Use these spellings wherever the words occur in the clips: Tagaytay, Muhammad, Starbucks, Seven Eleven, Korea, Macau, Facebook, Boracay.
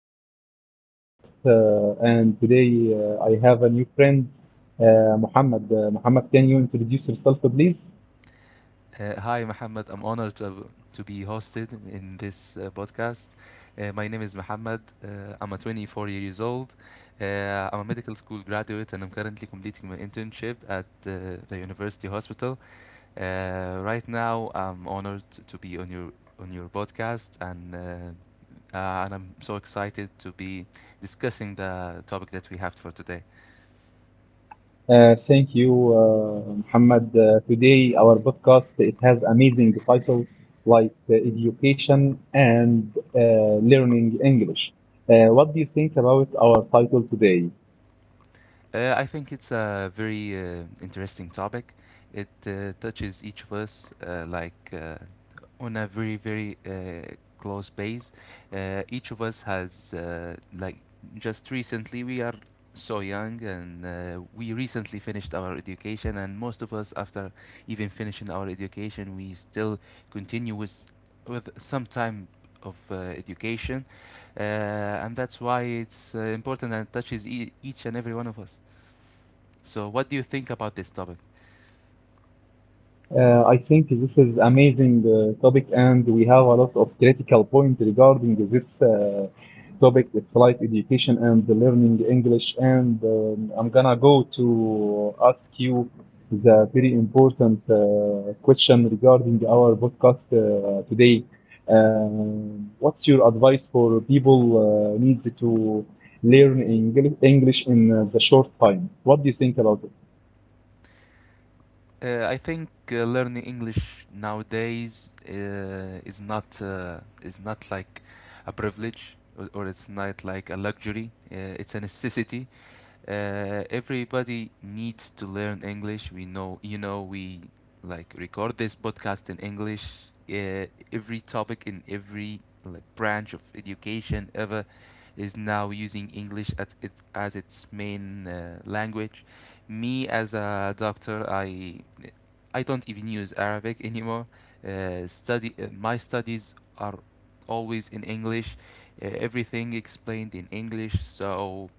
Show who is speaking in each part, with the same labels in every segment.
Speaker 1: start our podcast, and today I have a new friend, Muhammad. Muhammad, can you introduce yourself, please?
Speaker 2: Hi, Mohammed. I'm honored to be hosted in this podcast. My name is Mohammed. I'm a 24 years old. I'm a medical school graduate and I'm currently completing my internship at the university hospital. Right now, I'm honored to be on your podcast and I'm so excited to be discussing the topic that we have for today.
Speaker 1: Thank you, Muhammad. Today our podcast it has amazing title like education and learning English. What do you think about our title today?
Speaker 2: I think it's a very interesting topic. It touches each of us on a very very close base. Each of us has like just recently. We are so young and we recently finished our education, and most of us, after even finishing our education, we still continue with some time of education, and that's why it's important and touches each and every one of us. So, what do you think about this topic?
Speaker 1: I think this is amazing topic, and we have a lot of critical point regarding this topic. It's like education and the learning English. And I'm gonna go to ask you the very important question regarding our podcast today. What's your advice for people needs to learn English in the short time? What do you think about it?
Speaker 2: I think learning English nowadays is not like a privilege or it's not like a luxury. It's a necessity. Everybody needs to learn English. We know, you know, we like record this podcast in English. Uh, every topic in every like branch of education ever is now using English as it as its main language. Me, as a doctor, I don't even use Arabic anymore. Study My studies are always in English. Everything explained in English. So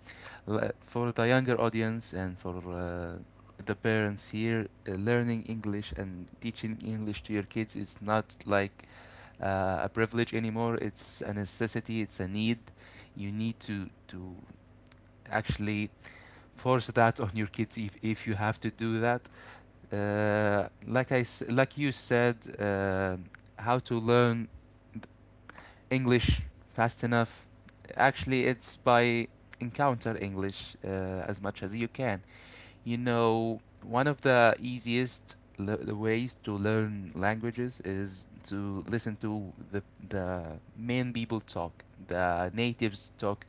Speaker 2: for the younger audience and for the parents here, learning English and teaching English to your kids is not like a privilege anymore. It's a necessity. It's a need. You need to actually force that on your kids if you have to do that. Like you said, how to learn English fast enough. Actually, it's by encounter English as much as you can. You know, one of the easiest le- the ways to learn languages is to listen to the main people talk, the natives talk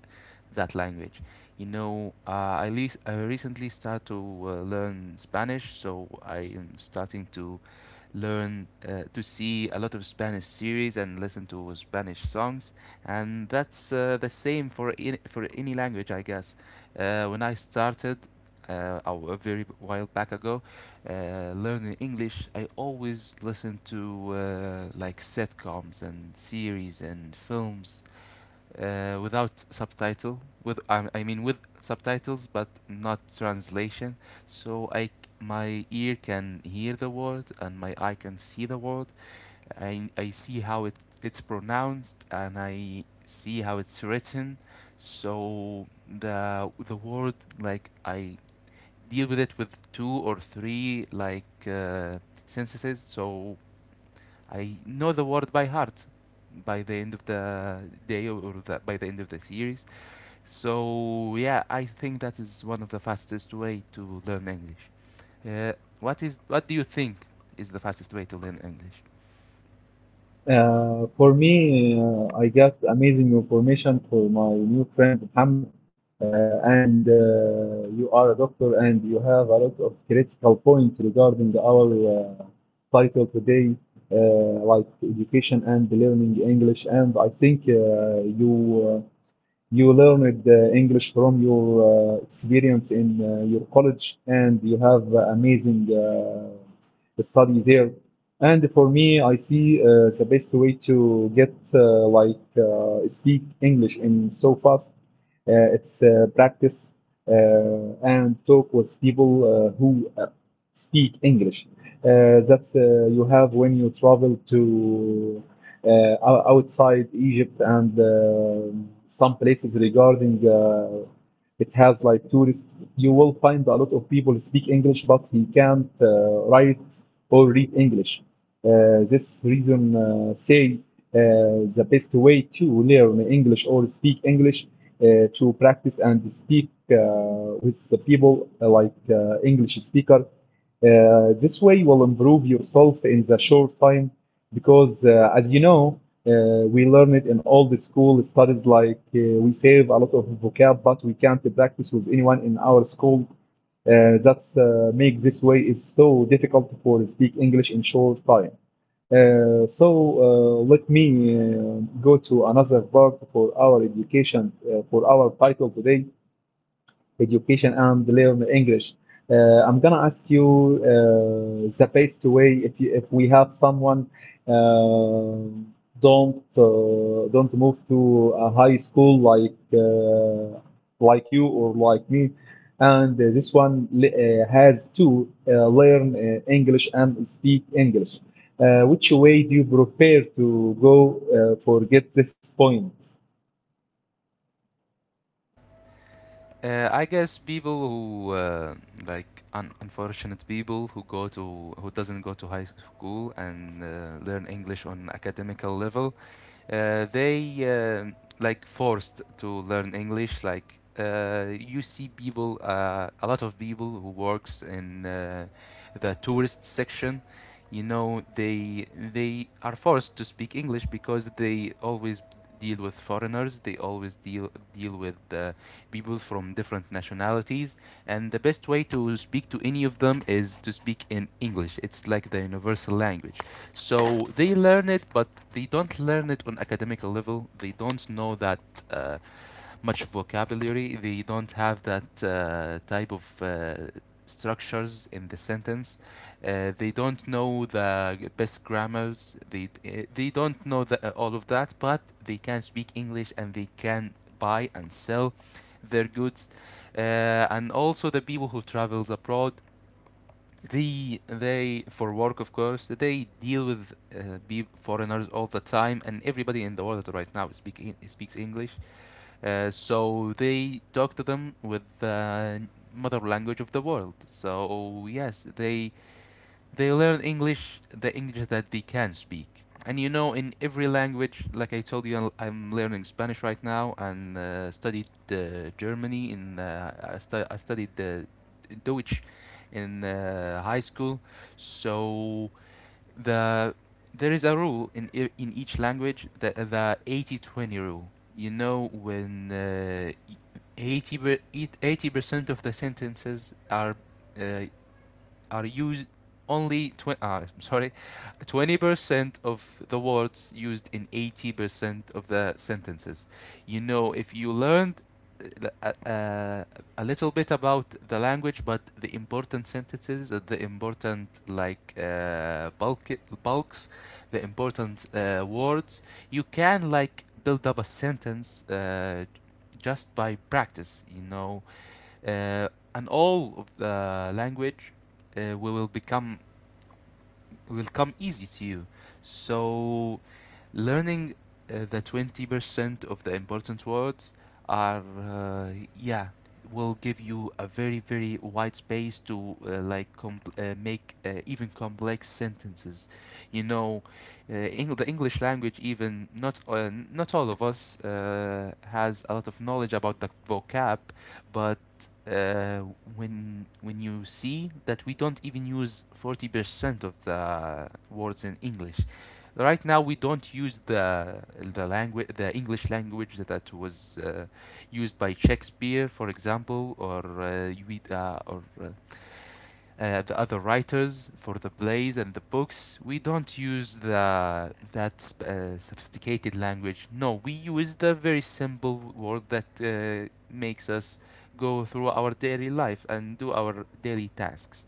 Speaker 2: that language. You know, uh, I recently started to learn Spanish, so I am starting to learn to see a lot of Spanish series and listen to Spanish songs, and that's the same for any language, I guess. When I started a very while back ago, learning English, I always listened to like sitcoms and series and films without subtitle with I mean with subtitles, but not translation. So I, my ear can hear the word and my eye can see the word. I see how it's pronounced and I see how it's written. So the word, like I deal with it with two or three like sentences, so I know the word by heart by the end of the day, or by the end of the series. So yeah, I think that is one of the fastest way to learn English. Uh, what do you think is the fastest way to learn English?
Speaker 1: For me, I got amazing information for my new friend Muhammad. And You are a doctor, and you have a lot of critical points regarding our title today, uh, like education and learning English. And I think you. You learned English from your experience in your college, and you have amazing study there. And for me, I see the best way to get like speak English in so fast it's practice and talk with people who speak English. That's you have when you travel to outside Egypt and some places regarding it has like tourists. You will find a lot of people speak English, but he can't write or read English. This reason say the best way to learn English or speak English to practice and speak with the people like English speaker. This way will improve yourself in the short time because as you know, we learn it in all the school studies like we save a lot of vocab but we can't practice with anyone in our school that's make this way is so difficult for speak english in short time uh, so let me go to another part for our education, for our title today education and learn English. I'm gonna ask you the best way if you, if we have someone uh, don't move to a high school like you or like me, and this one has to learn English and speak English. Which way do you prefer to go for get this point?
Speaker 2: I guess people who unfortunate people who go to who doesn't go to high school and learn English on academical level, they like forced to learn English. Like a lot of people who works in the tourist section. You know, they are forced to speak English because they always deal with foreigners. They always deal with people from different nationalities, and the best way to speak to any of them is to speak in English. It's like the universal language. So they learn it, but they don't learn it on academic level. They don't know that uh, much vocabulary. They don't have that type of structures in the sentence. They don't know the best grammars. They don't know all of that, but they can speak English and they can buy and sell their goods. And also the people who travels abroad, they for work, of course, they deal with be foreigners all the time, and everybody in the world right now speaks English. So they talk to them with the mother language of the world. So yes, they they learn English, the English that they can speak. And you know, in every language, like I told you, I am learning Spanish right now and studied Germany in I studied Deutsch in high school. So the there is a rule in in each language, that the 80-20 rule. You know, when uh, 80 per- 80% of the sentences are uh, used only 20, sorry, 20% of the words used in 80% of the sentences. You know, if you learned uh, uh, uh, a little bit about the language, but the important sentences, the important like bulks, the important words, you can like build up a sentence just by practice. You know, uh, and all of the language uh, will become will come easy to you. So learning the 20% of the important words are yeah, will give you a very very wide space to like compl make even complex sentences, you know. The English language, even not not all of us has a lot of knowledge about the vocab, but uh, when you see that we don't even use 40% of the words in English. Right now, we don't use the language, the English language that was used by Shakespeare, for example, or we, or the other writers for the plays and the books. We don't use the that sophisticated language. No, we use the very simple word that makes us go through our daily life and do our daily tasks.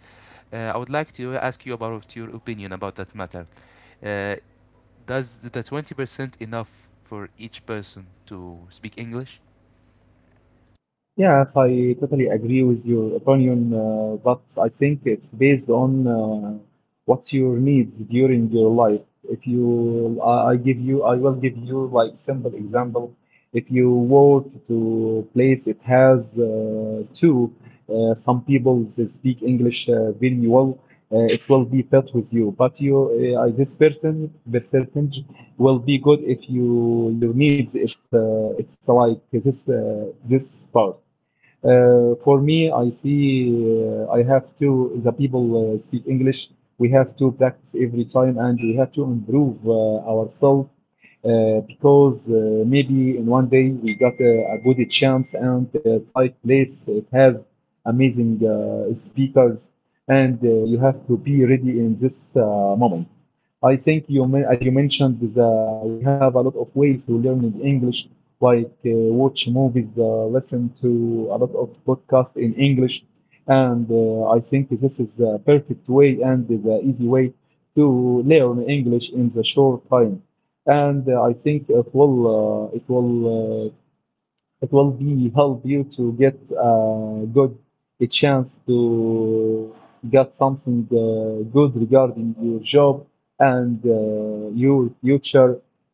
Speaker 2: I would like to ask you about your opinion about that matter. Uh, does the 20% enough for each person to speak English?
Speaker 1: Yes, I totally agree with your opinion, but I think it's based on what's your needs during your life. If you, I give you, I will give you like simple example. If you work to place, it has two. Some people they speak English very well. It will be fit with you, but you, this person, percentage will be good if you your needs. It's like this part. For me, I see I have to, the people speak English. We have to practice every time and we have to improve ourselves because maybe in one day we got a good chance and it's like place, it has amazing speakers and you have to be ready in this moment. I think you mentioned, we have a lot of ways to learn in English, like watch movies, listen to a lot of podcasts in English, and I think this is the perfect way and the easy way to learn English in the short time. And I think uh, it will be help you to get a good a chance to get something good regarding your job and your future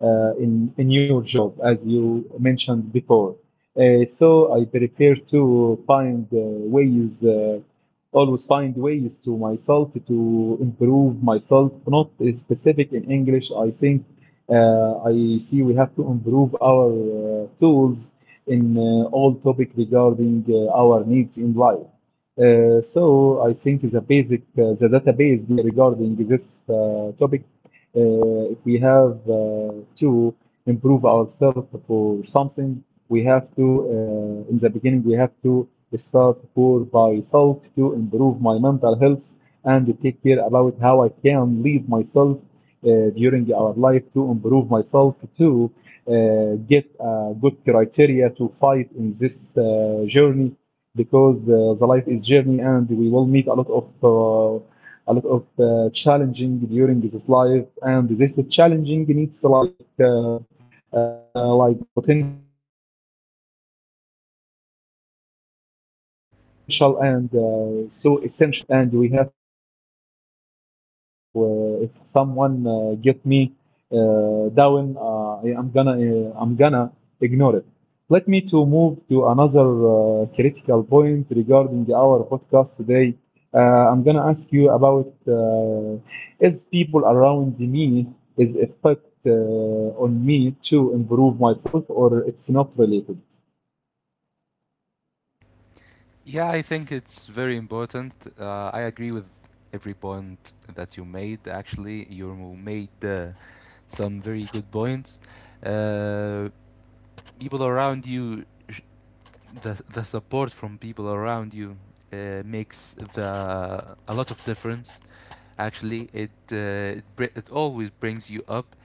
Speaker 1: in your job, as you mentioned before. So I prefer to find ways. Always find ways to myself to improve myself not specific in english I think I see we have to improve our tools in all topic regarding our needs in life. So I think the basic the database be regarding this topic, if we have to improve ourselves for something, we have to in the beginning we have to start for by self to improve my mental health and to take care about how I can lead myself during our life to improve myself to get a good criteria to fight in this journey because the life is journey and we will meet a lot of challenging during this life and this challenging needs like potential and so essential tools and we have to work on it during our life and if someone get me down. I'm gonna ignore it. Let me to move to another critical point regarding our podcast today. Uh, I'm gonna ask you about is people around me is effect on me to improve myself or it's not related?
Speaker 2: Yeah, I think it's very important. I agree with every point that you made. Actually, you made some very good points. Uh, People around you, the support from people around you makes the a lot of difference. Actually, it always brings you up.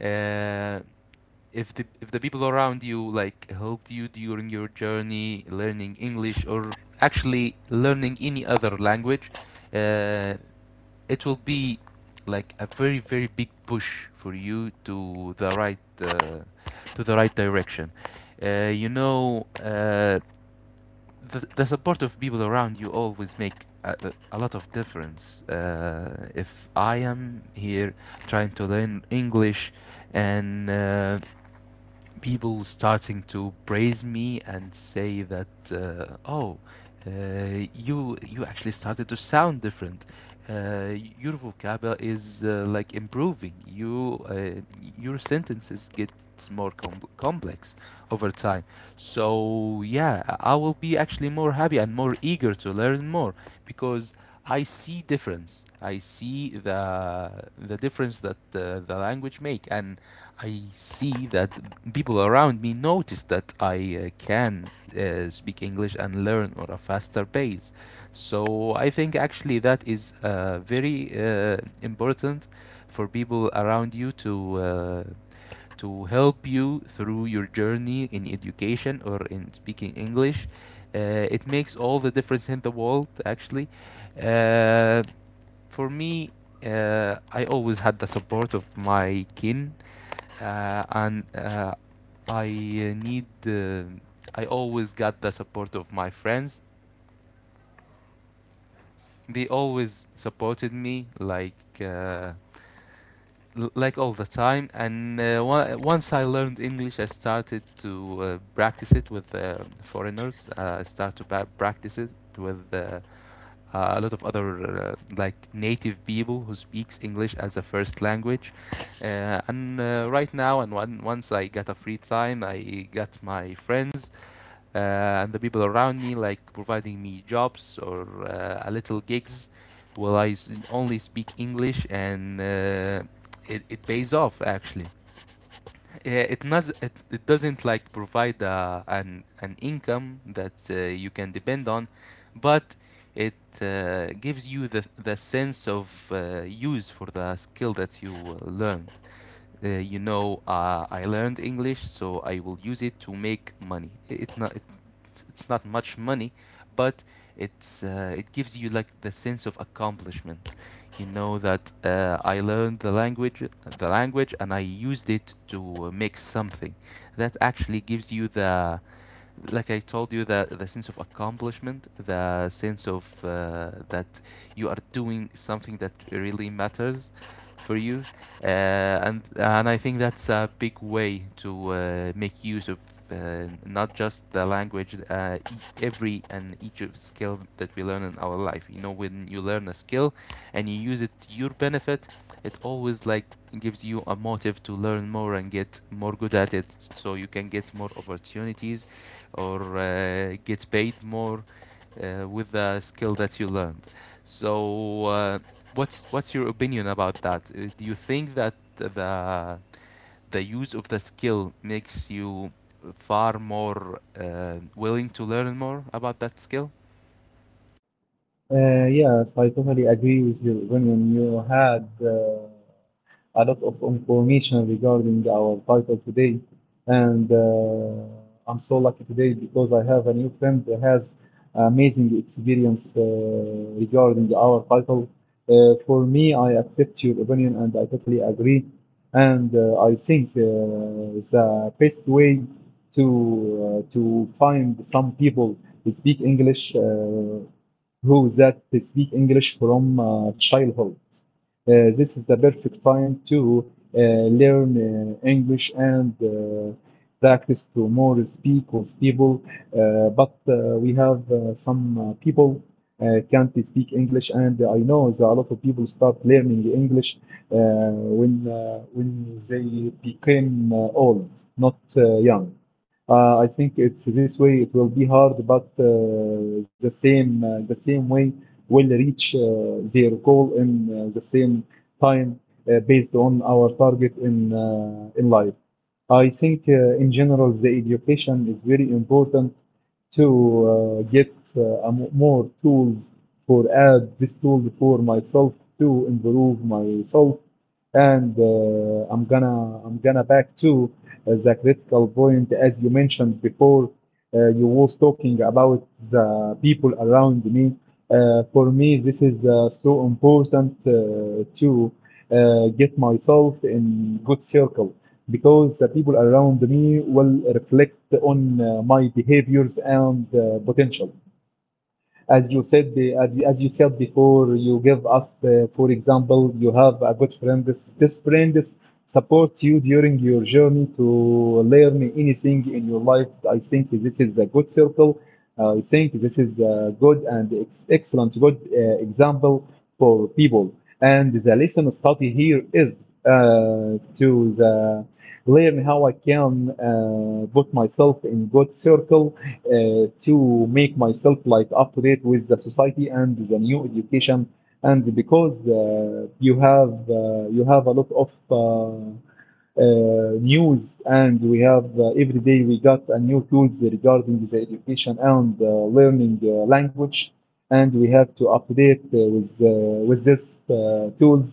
Speaker 2: Uh, if the people around you like helped you during your journey learning English, or actually learning any other language, uh, it will be like a very very big push for you to the to the right direction. Uh, you know, uh, the support of people around you always make a lot of difference. If I am here trying to learn English and people starting to praise me and say that oh, uh, you, you actually started to sound different, uh, your vocabulary is like improving, your sentences get more complex over time. So yeah, I will be actually more happy and more eager to learn more, because I see difference. I see the the difference that the language make, and I see that people around me notice that I can speak English and learn at a faster pace. So I think actually that is very important for people around you to help you through your journey in education or in speaking English. It makes all the difference in the world, actually. Uh, for me, I always had the support of my kin, and I need. I always got the support of my friends. They always supported me, like all the time. And once I learned English, I started to practice it with foreigners. I started to practice it with a lot of other like native people who speaks English as a first language. And Right now, once I got a free time, I got my friends uh, and the people around me like providing me jobs or a little gigs. Well, only speak English, and it pays off, actually. Yeah, it doesn't like provide an income that you can depend on, but it gives you the sense of use for the skill that you learned. I learned English, so I will use it to make money. It's not much money, but it gives you like the sense of accomplishment. You know that I learned the language and I used it to make something that actually gives you the, like I told you, the sense of accomplishment, the sense of that you are doing something that really matters for you. And I think that's a big way to make use of not just the language, every and each of skill that we learn in our life. You know, when you learn a skill and you use it to your benefit, it always like gives you a motive to learn more and get more good at it, so you can get more opportunities or get paid more with the skill that you learned. So, what's your opinion about that? Do you think that the use of the skill makes you far more willing to learn more about that skill?
Speaker 1: Yes, I totally agree with your opinion. You had a lot of information regarding our title today. And I'm so lucky today because I have a new friend that has amazing experience regarding our title. For me, I accept your opinion and I totally agree. And I think the best way to to find some people who speak English who that speak English from childhood. This is the perfect time to uh, learn English and practice to more speak with people. But we have some people can't speak English, and I know that a lot of people start learning English when they became old, not young. I think it's this way. It will be hard, but the same way will reach their goal in the same time based on our target in life. I think in general the education is very important to get a more tools for add this tool for myself to improve myself and I'm gonna back to the critical point as you mentioned before you was talking about the people around me for me, this is so important to get myself in good circle because the people around me will reflect on my behaviors and potential. As you said, as you said before, you give us, for example, you have a good friend. This friend is- supports you during your journey to learn anything in your life. I think this is a good circle. I think this is a good and excellent good example for people. And the lesson study here is to the learn how I can put myself in good circle to make myself like up to date with the society and the new education and because you have uh, you have a lot of news and we have every day we got a new tools regarding the education and learning language and we have to update with this tools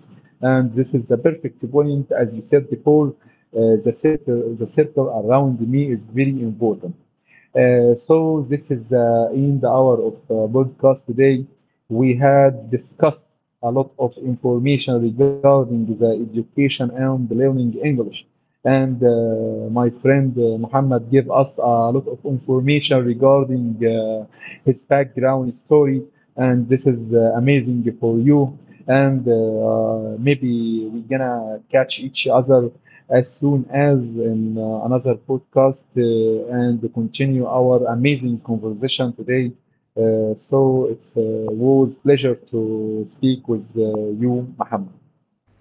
Speaker 1: and this is the perfect point as you said before the circle around me is very important so this is in the hour of podcast today. We had discussed a lot of information regarding the education and learning English. And my friend Muhammad gave us a lot of information regarding his background story, and this is amazing for you. And maybe we're gonna catch each other as soon as in another podcast and continue our amazing conversation today. So it's was pleasure to speak with you, Muhammad.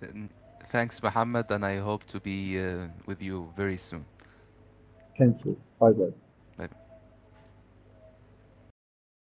Speaker 2: And thanks, Mohammed, and I hope to be with you very soon.
Speaker 1: Thank you. Bye bye.
Speaker 2: Bye.